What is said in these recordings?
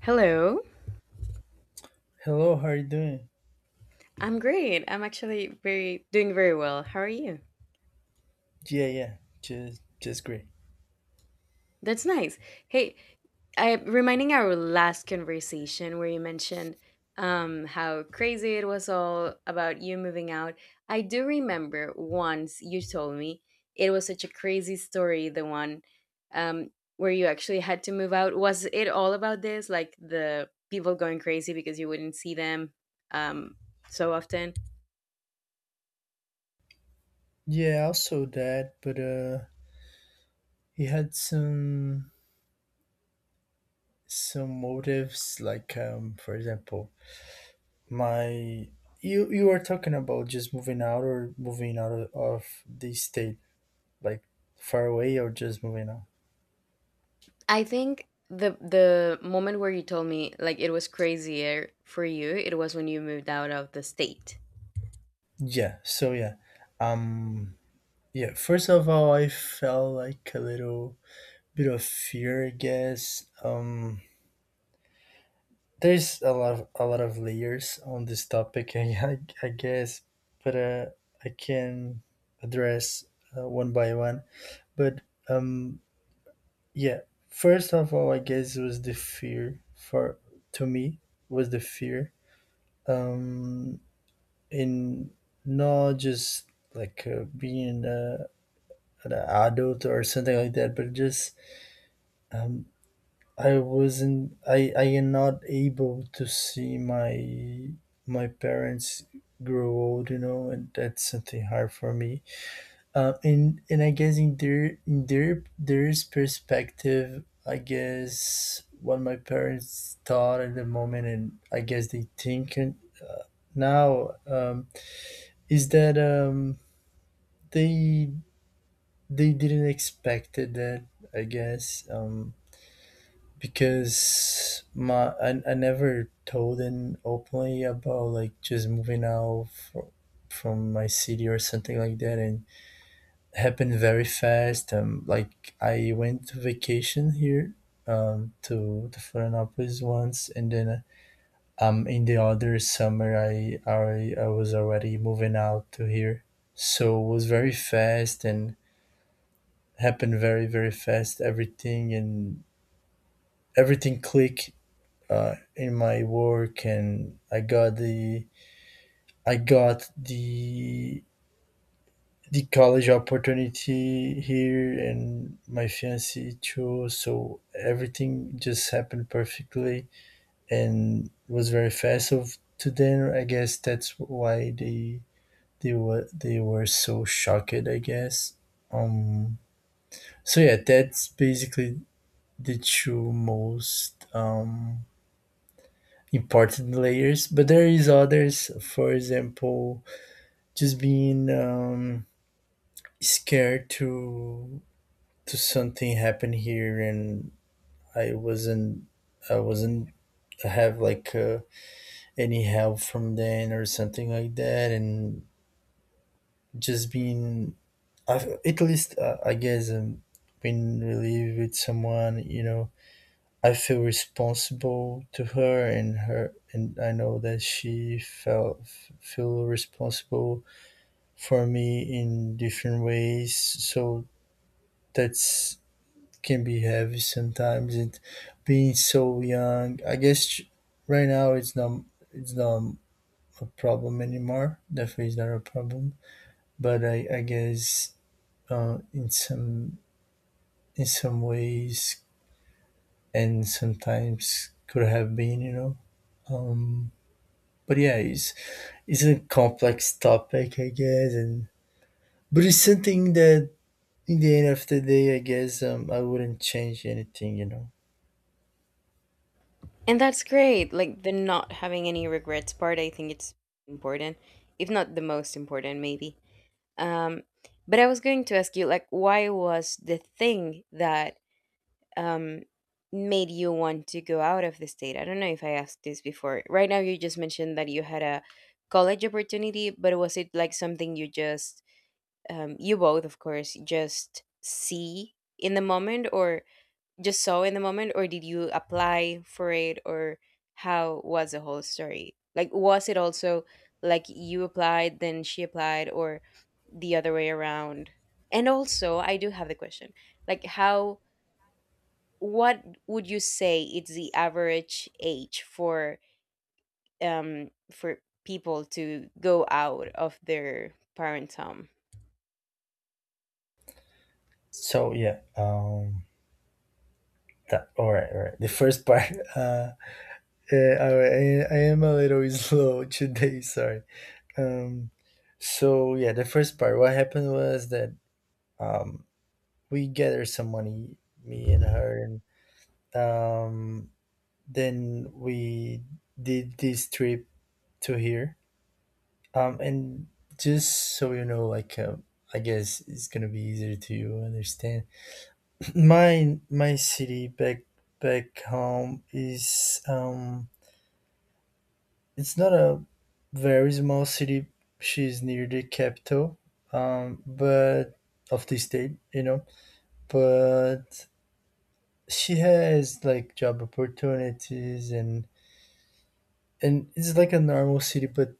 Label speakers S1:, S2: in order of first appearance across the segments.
S1: Hello.
S2: Hello, how are you doing?
S1: I'm great. I'm actually very well. How are you?
S2: Yeah, just great.
S1: That's nice. Hey, I reminding our last conversation where you mentioned how crazy it was all about you moving out. I do remember once you told me it was such a crazy story, the one um where you actually had to move out. Was it all about this, like the people going crazy because you wouldn't see them um so often?
S2: Yeah, I saw that, but he had some motives, like for example, my you were talking about just moving out or moving out of the state, like far away or just moving out.
S1: I think the moment where you told me like it was crazier for you, it was when you moved out of the state.
S2: Yeah, so yeah, um, yeah. First of all, I felt like a little bit of fear, I guess. There's a lot a lot of layers on this topic. I, guess, but I can address one by one. But um, yeah, first of all, I guess it was the fear for to me was the fear, um, in not just like being an adult or something like that, but just um, I am not able to see my parents grow old, you know, and that's something hard for me. And I guess in their perspective, I guess what my parents thought at the moment, and I guess they think uh, now, is that, they they didn't expect it, that I guess. Because my I never told him openly about like just moving out from my city or something like that, and it happened very fast. Like I went to vacation here, to Florianopolis once, and then, in the other summer I was already moving out to here. So it was very fast and happened very fast everything, and everything clicked in my work, and I got the college opportunity here, and my fiance too. So everything just happened perfectly, and was very fast. So to them, I guess that's why they were so shocked, I guess. Um. So yeah, that's basically the two most important layers, but there is others. For example, just being, scared to something happen here, and i wasn't I wasn't have like any help from then or something like that. And just being, I've, at least, I guess, when we live with someone, you know, I feel responsible to her, and I know that she felt feel responsible for me in different ways. So that's, can be heavy sometimes. And being so young, I guess right now it's not a problem anymore. Definitely, it's not a problem. But I guess, uh, in some in some ways and sometimes could have been, you know. Um, but yeah, it's a complex topic, I guess, and but it's something that in the end of the day, I guess, I wouldn't change anything, you know.
S1: And that's great. Like the not having any regrets part, I think it's important, if not the most important maybe. Um but I was going to ask you, like, why was the thing that um made you want to go out of the state? I don't know if I asked this before. Right now you just mentioned that you had a college opportunity, but was it like something you just you both, of course, just see in the moment, or just saw in the moment, or did you apply for it, or how was the whole story? Like, was it also like you applied, then she applied, or the other way around? And also, I do have the question, like, how, what would you say it's the average age for people to go out of their parents' home?
S2: So yeah, that, all right, all right. The first part. uh, all right, I am a little slow today. Sorry. Um, so yeah, the first part. What happened was that, um, we gathered some money, me and her, and um, then we did this trip to here. And just so you know, like. I guess it's gonna be easier to you understand, my city back home is, it's not a very small city. She's near the capital, but of the state, you know. But she has like job opportunities, and it's like a normal city, but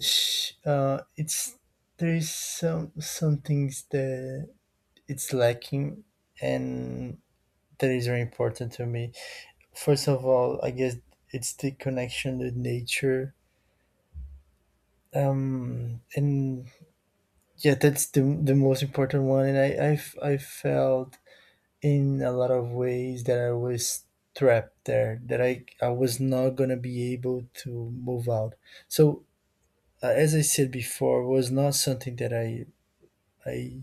S2: sh it's, there's some things that it's lacking, and that is very important to me. First of all, I guess it's the connection with nature. And yeah, that's the most important one. And I felt in a lot of ways that I was trapped there, that I was not going to be able to move out. So, as I said before, was not something that I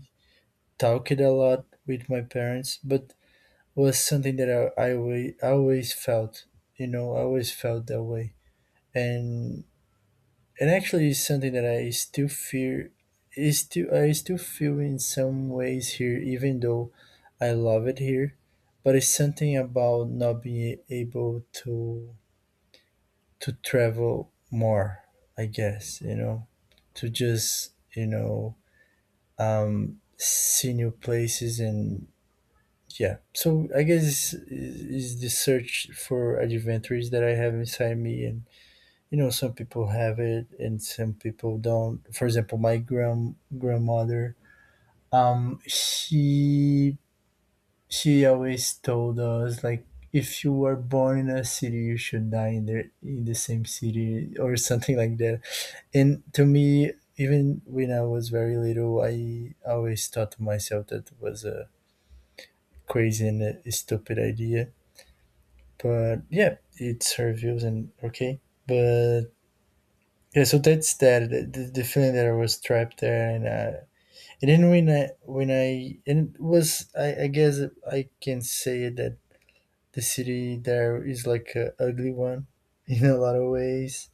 S2: talked a lot with my parents, but was something that I always felt, you know, I always felt that way. And And actually, it's something that I still fear is still, I still feel in some ways here, even though I love it here. But it's something about not being able to travel more, I guess, you know, to just, you know, see new places and yeah. So I guess is the search for adventures that I have inside me. And you know, some people have it and some people don't. For example, my grandmother, um she she always told us like, if you were born in a city, you should die in the same city or something like that. And to me, even when I was very little, I always thought to myself that was a crazy and a stupid idea. But yeah, it's her views and okay. But yeah, so that's that. The feeling that I was trapped there, and then when I and it was I guess I can say that the city there is like a ugly one in a lot of ways.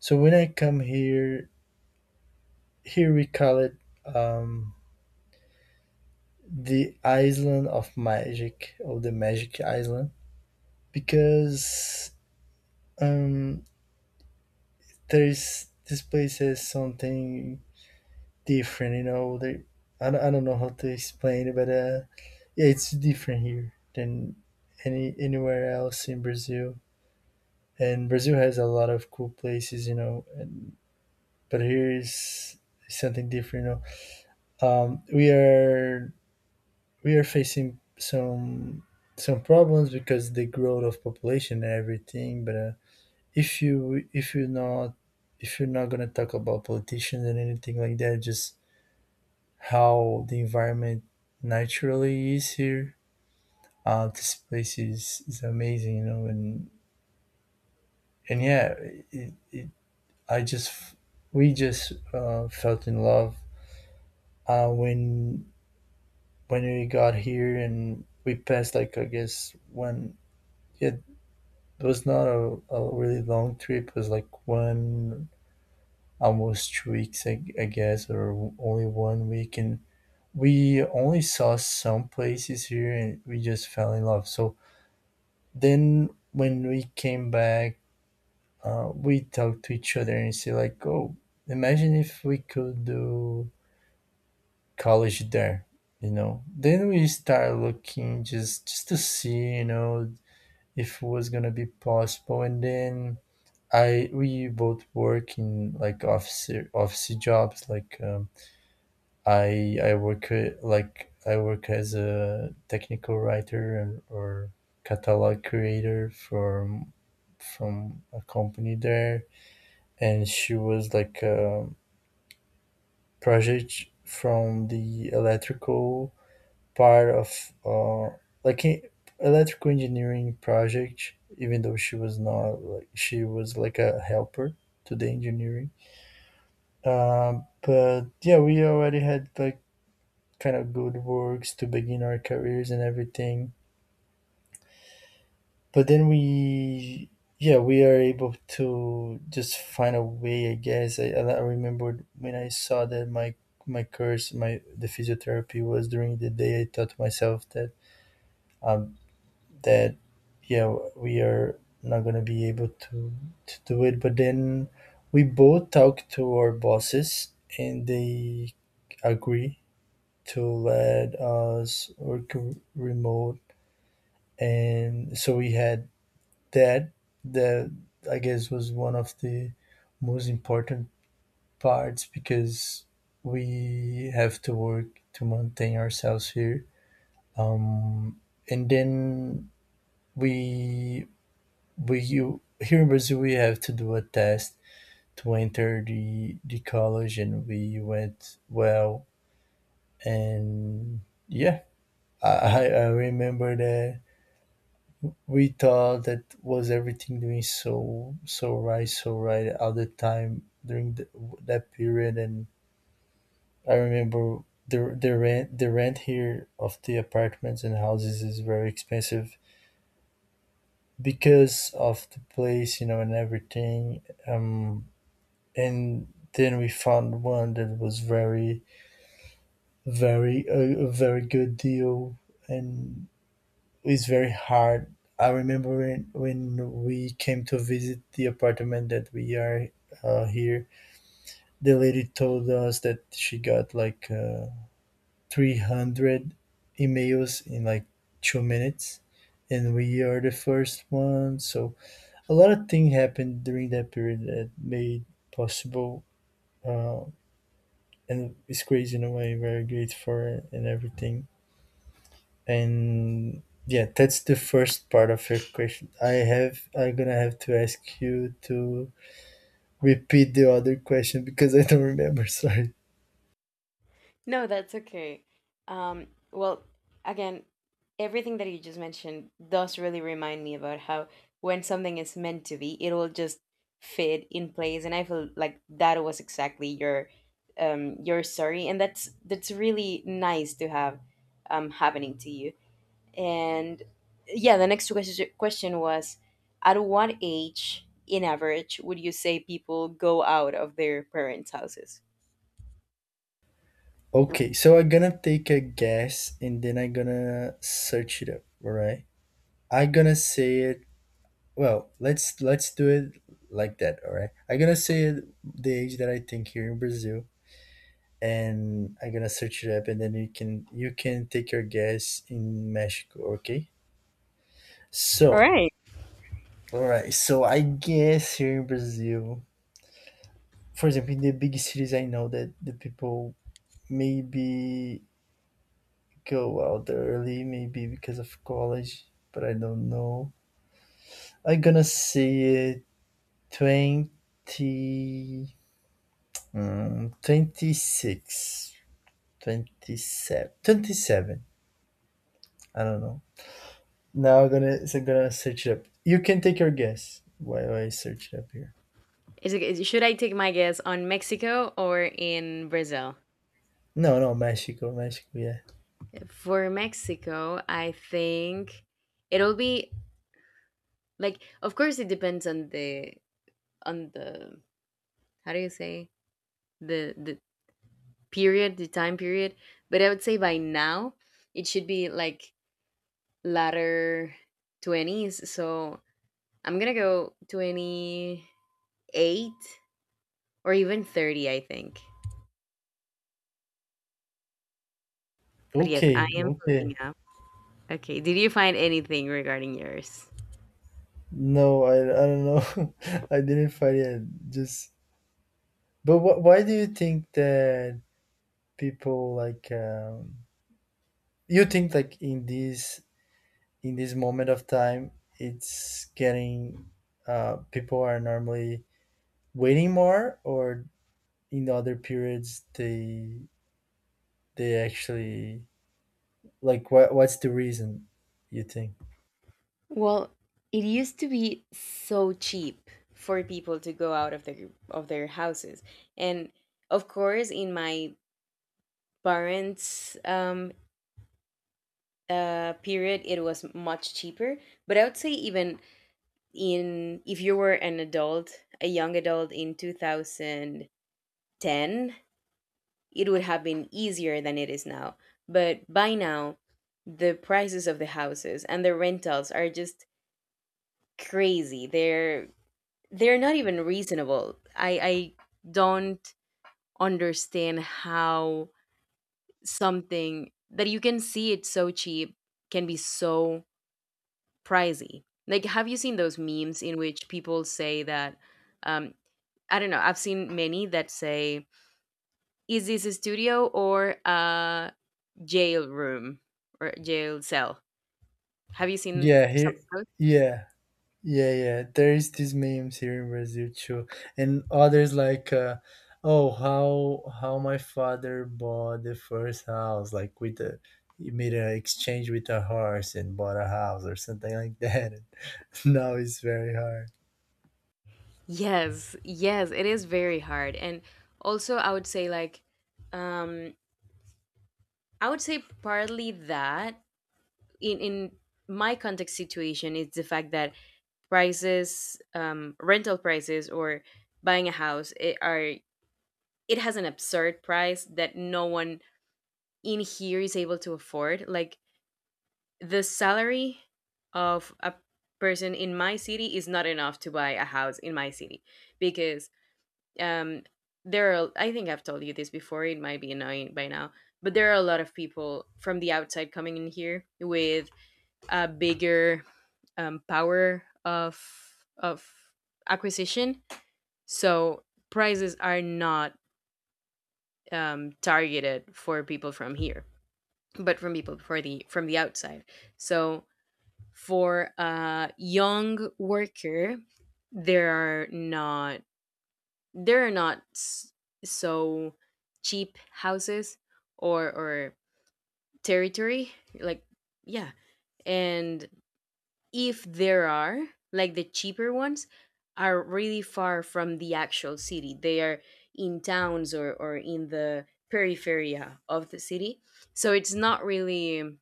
S2: So when I come here, here we call it, um, the island of magic, or the magic island, because, um, there is, this place has something different, you know. They, I don't know how to explain it, but yeah, it's different here than anywhere else in Brazil. And Brazil has a lot of cool places, you know. And but here is something different, you know. Um, we are we are facing some problems because the growth of population and everything. But if you're not, if you're not gonna talk about politicians and anything like that, just how the environment naturally is here. This place is amazing, you know, and yeah, it, it, I just, we just, felt in love, uh, when when we got here, and we passed like, I guess, one, it was not a, a really long trip. It was like one, almost 2 weeks, I guess, or only 1 week, and we only saw some places here, and we just fell in love. So then when we came back, we talked to each other and say like, "Oh, imagine if we could do college there," you know. Then we start looking just to see, you know, if it was gonna be possible. And then I we both work in like office jobs, like, I work I work as a technical writer and or catalog creator from a company there, and she was like a project from the electrical part of like e- electrical engineering project. Even though she was not like she was like a helper to the engineering. But yeah, we already had like kind of good works to begin our careers and everything. But then we, yeah, we are able to just find a way. I guess I remembered when I saw that my course, my the physiotherapy was during the day. I thought to myself that um that yeah, we are not gonna be able to do it. But then we both talked to our bosses, and they agree to let us work remote. And so we had that that I guess, was one of the most important parts, because we have to work to maintain ourselves here. um, and then we we you, here in Brazil, we have to do a test to enter the college, and we went well. And yeah, I remember that we thought that was everything doing so right, at the time, during that period. And I remember the rent here of the apartments and houses is very expensive because of the place, you know, and everything. um and then we found one that was very, a very good deal. And it's very hard. I remember when we came to visit the apartment that we are here, the lady told us that she got like, 300 emails in like 2 minutes, and we are the first one. So a lot of things happened during that period that made possible, uh, and it's crazy in a way. Very great for it and everything. And yeah, that's the first part of your question. I'm gonna have to ask you to repeat the other question because I don't remember. Sorry.
S1: No, that's okay. Well, again, everything that you just mentioned does really remind me about how, when something is meant to be, it will just fit in place, and I feel like that was exactly your story, and that's really nice to have happening to you. And yeah, the next question was, at what age, in average, would you say people go out of their parents' houses?
S2: Okay, so I'm gonna take a guess and then I'm gonna search it up. All right. I'm gonna say it. Well, let's do it like that. All right. I'm gonna say it, the age that I think here in Brazil, and I'm gonna search it up, and then you can take your guess in Mexico. Okay.
S1: All
S2: So,
S1: right.
S2: all right. So I guess here in Brazil, for example, in the big cities, I know that the people maybe go out early, maybe because of college, but I don't know. I'm gonna say it 20, 26, 27, 27. I don't know. So I'm gonna search it up. You can take your guess while I search it up here.
S1: Is it, should I take my guess on Mexico or in Brazil?
S2: No, no, Mexico, Mexico, yeah.
S1: For Mexico, I think it'll be like, of course, it depends on the on the how do you say, the period, the time period, but I would say by now it should be like latter 20s. So I'm going to go 28 or even 30, I think. But yes, I
S2: Okay,
S1: am looking
S2: okay.
S1: up. Okay, did you find anything regarding yours?
S2: No, I don't know. I didn't find it. Just, but why do you think that people you think like in this moment of time it's getting people are normally waiting more, or in other periods they actually like what's the reason you think?
S1: Well, it used to be so cheap for people to go out of their houses, and of course, in my parents' period, it was much cheaper. But I would say even in, if you were an adult, a young adult in 2010, it would have been easier than it is now. But by now, the prices of the houses and the rentals are just crazy. They're not even reasonable. I don't understand how something that you can see it's so cheap can be so pricey. Like, have you seen those memes in which people say that? Um, I don't know. I've seen many that say, "Is this a studio or a jail room or jail cell?" Have you seen
S2: Yeah,
S1: some
S2: here,
S1: of those?
S2: yeah. Yeah, yeah. There is these memes here in Brazil too, and others like, oh, how my father bought the first house, like with a he made an exchange with a horse and bought a house or something like that. And now it's very hard.
S1: Yes, yes, it is very hard. And also, I would say, like, um, I would say partly that in my context situation is the fact that prices, rental prices, or buying a house, it are, it has an absurd price that no one in here is able to afford. Like, the salary of a person in my city is not enough to buy a house in my city because um, there are. I think I've told you this before. It might be annoying by now, but there are a lot of people from the outside coming in here with a bigger power of of acquisition. So prices are not targeted for people from here, but from people for the from the outside. So for a young worker, there are not there are not s- so cheap houses or territory, like, yeah. And if there are, like, the cheaper ones are really far from the actual city. They are in towns, or in the peripheria of the city, so it's not really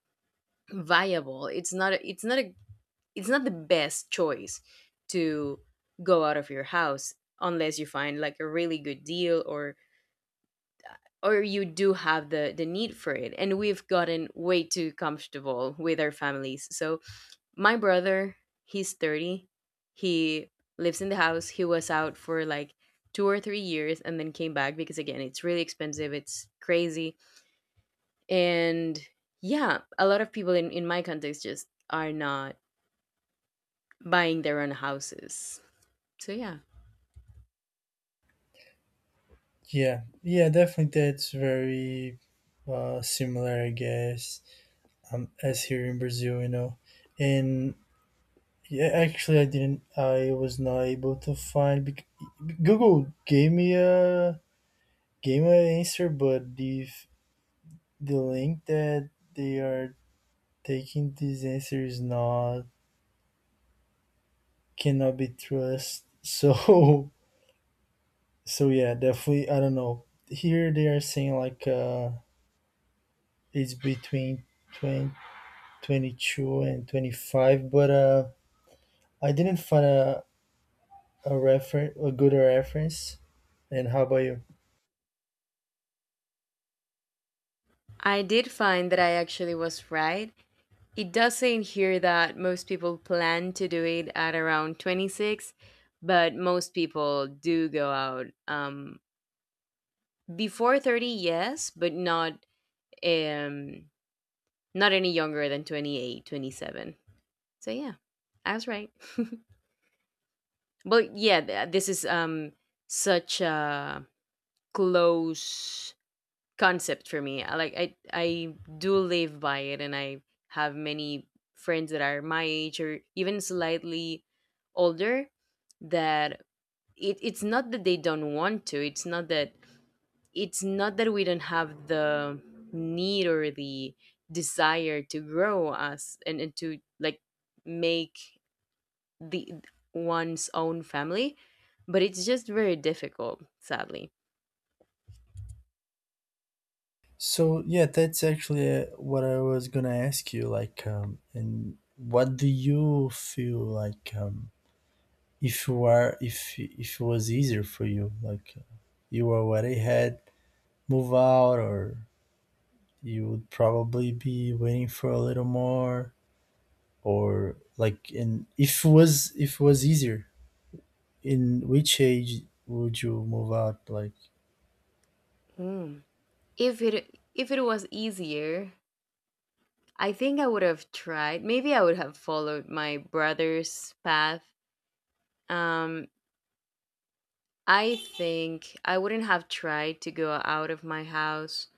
S1: viable. It's not a, it's not the best choice to go out of your house unless you find like a really good deal, or you do have the need for it. And we've gotten way too comfortable with our families. So my brother, he's 30. He lives in the house. He was out for like two or three years and then came back because, again, it's really expensive. It's crazy. And yeah, a lot of people in my context just are not buying their own houses. So yeah,
S2: Yeah, yeah, definitely. That's very similar, I guess, as here in Brazil, you know. And yeah, actually, I didn't. I was not able to find. Google gave me a Game my answer, but if the link that they are taking this answer is not cannot be trust, so so yeah, definitely I don't know. Here they are saying like it's between twenty twenty two and 25, but I didn't find a good reference. And how about you?
S1: I did find that I actually was right. It does say in here that most people plan to do it at around 26, but most people do go out before 30, yes, but not um not any younger than 28, 27. So yeah, I was right. But yeah, this is such a close concept for me. Like, I do live by it, and I have many friends that are my age or even slightly older that, it, it's not that they don't want to, it's not that, we don't have the need or the desire to grow us and to like make the one's own family, but it's just very difficult, sadly.
S2: So yeah, that's actually what I was gonna ask you. Like, and what do you feel like? If you are if it was easier for you like you already had move out, or you would probably be waiting for a little more, or like, and if it was easier, in which age would you move out like?
S1: Hmm. If it, if it was easier, I think I would have tried. Maybe I would have followed my brother's path. um I think I wouldn't have tried to go out of my house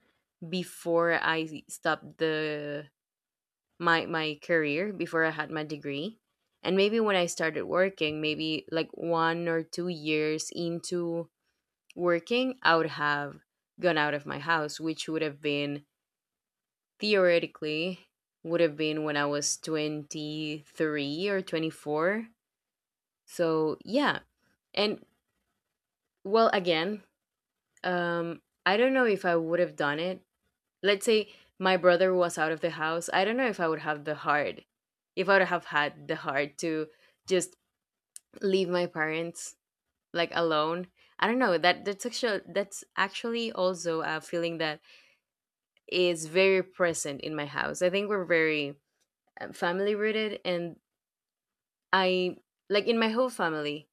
S1: before I stopped the, my career, before I had my degree. And maybe when I started working, maybe like one or two years into working, I would have gone out of my house, which would have been, theoretically would have been when I was 23 or 24. So, yeah. And well, again, I don't know if I would have done it. Let's say my brother was out of the house. I don't know if I would have the heart, if I would have had the heart to just leave my parents, like, alone. I don't know. That's actually that's actually also a feeling that is very present in my house. I think we're very family rooted, and I, like, in my whole family,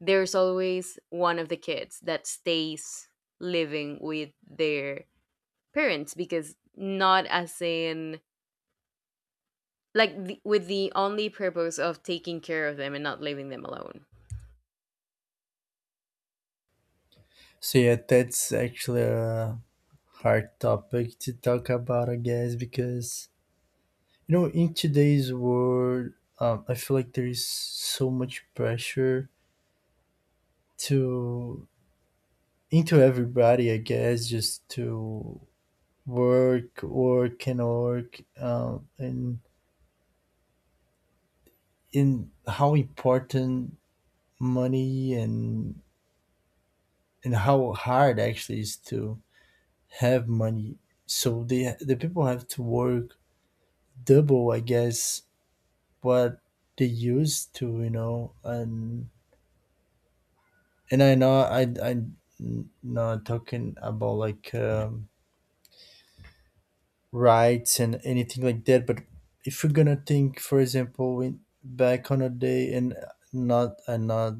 S1: there's always one of the kids that stays living with their parents, because, not as in like the, with the only purpose of taking care of them and not leaving them alone.
S2: So yeah, that's actually a hard topic to talk about, I guess, because you know in today's world I feel like there is so much pressure to into everybody, I guess, just to work, work, and work, and in how important money and how hard actually is to have money. So the people have to work double, I guess, what they used to, you know, and I know I not talking about like. Rights and anything like that. But if you're gonna think, for example, in back on a day, and not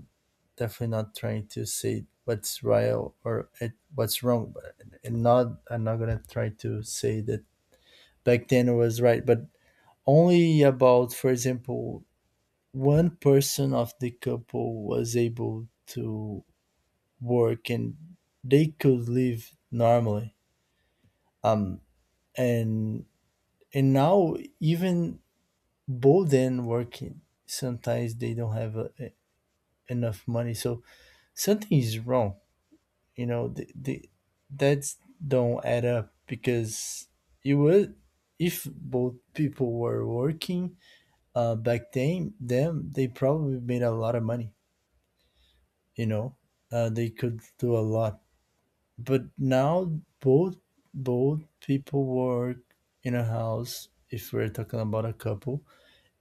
S2: definitely not trying to say what's right or it, what's wrong, but and not, I'm not gonna try to say that back then was right, but only about, for example, one person of the couple was able to work and they could live normally. Um, and and now even both and working sometimes they don't have enough money, so something is wrong, you know, the that's don't add up because you would if both people were working back then them they probably made a lot of money, you know, they could do a lot. But now both both people work in a house if we're talking about a couple,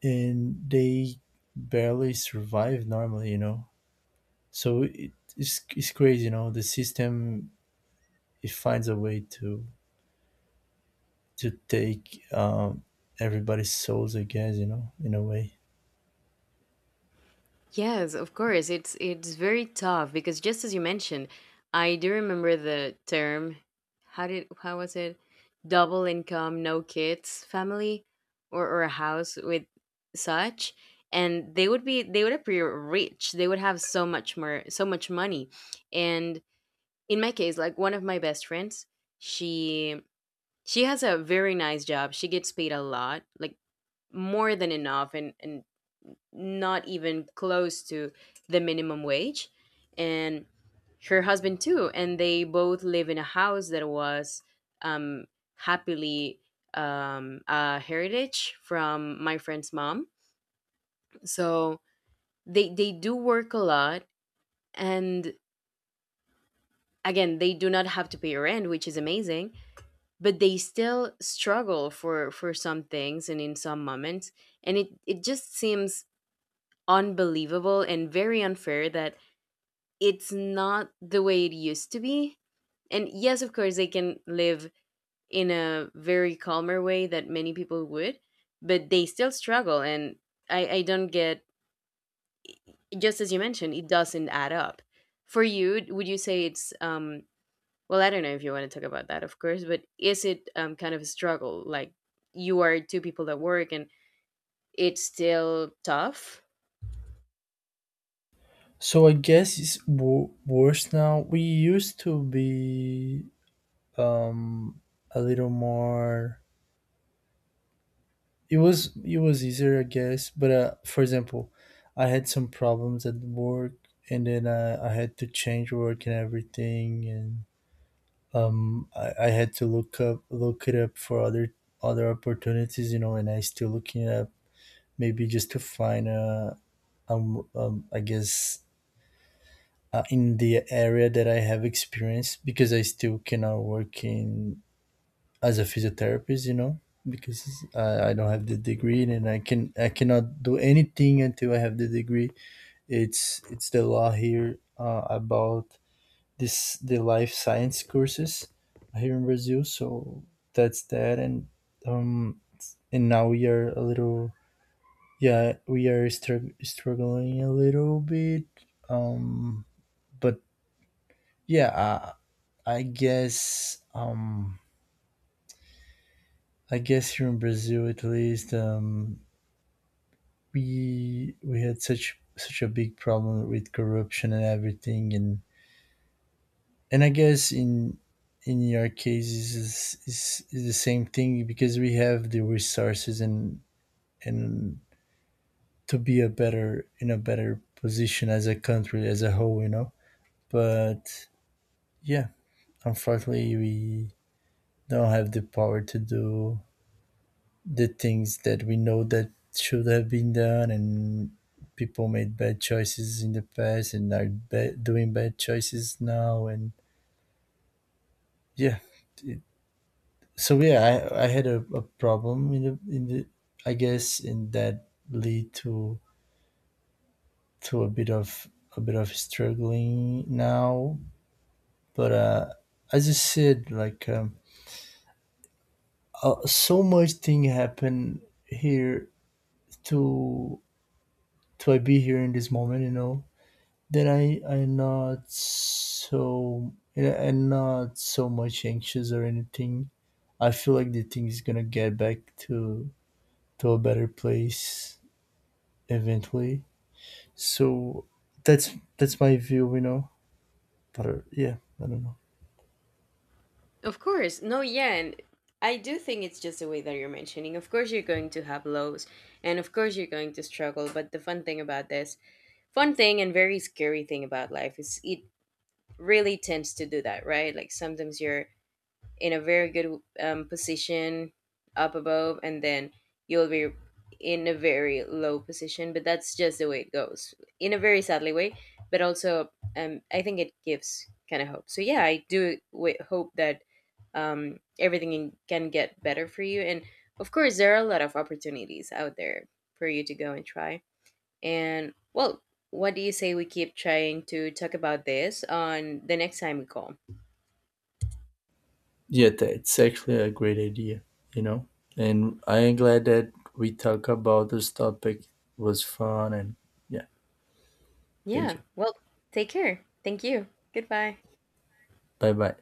S2: and they barely survive normally, you know. So it's crazy, you know. The system, it finds a way to take everybody's souls, I guess, you know, in a way.
S1: Yes, of course. It's very tough because, just as you mentioned, I do remember the term. How did, how was it? Double income, no kids family, or a house with such, and they would be, they would appear rich. They would have so much more, so much money. And in my case, like one of my best friends, she she has a very nice job. She gets paid a lot, like more than enough, and not even close to the minimum wage. And her husband too, and they both live in a house that was um happily a heritage from my friend's mom, so they do work a lot, and again, they do not have to pay rent, which is amazing, but they still struggle for some things and in some moments, and it just seems unbelievable and very unfair that it's not the way it used to be. And yes, of course, they can live in a very calmer way that many people would, but they still struggle. And I don't get, just as you mentioned, it doesn't add up. For you, would you say it's, well, I don't know if you want to talk about that, of course, but is it, kind of a struggle? Like, you are two people that work and it's still tough?
S2: So I guess it's worse now. We used to be um, a little more. It was easier, I guess. But for example, I had some problems at work, and then I had to change work and everything, and I had to look it up for other opportunities, you know, and I still looking it up, maybe just to find a I guess in the area that I have experience because I still cannot work in as a physiotherapist, you know, because I don't have the degree and I cannot do anything until I have the degree. It's the law here about this the life science courses here in Brazil. So that's that, and um, now we are a little, yeah, we are struggling a little bit. Um, but yeah, I guess um, I guess here in Brazil at least we had such a big problem with corruption and everything, and I guess in your case is is the same thing because we have the resources and and to be a better in a better position as a country as a whole, you know. But yeah, unfortunately, we don't have the power to do the things that we know that should have been done, and people made bad choices in the past and are doing bad choices now, and yeah, it, so yeah, I had a problem in the I guess in that lead to a bit of struggling now. But as I said, like so much thing happen here to I be here in this moment, you know, that I not so and not so much anxious or anything. I feel like the thing is gonna get back to a better place eventually. So that's that's my view, you know. But yeah, I don't know.
S1: Of course. No, yeah. And I do think it's just the way that you're mentioning. Of course, you're going to have lows, and of course, you're going to struggle. But the fun thing about this, fun thing and very scary thing about life is, it really tends to do that, right? Like, sometimes you're in a very good position up above, and then you'll be in a very low position. But that's just the way it goes, in a very sadly way. But also, I think it gives kind of hope. So yeah, I do hope that everything can get better for you. And of course, there are a lot of opportunities out there for you to go and try. And well, what do you say we keep trying to talk about this on the next time we call?
S2: Yeah, that's actually a great idea, you know. And I am glad that we talk about this topic. It was fun. And yeah, thank
S1: Yeah.
S2: you.
S1: Well, take care. Thank you. Goodbye.
S2: Bye bye.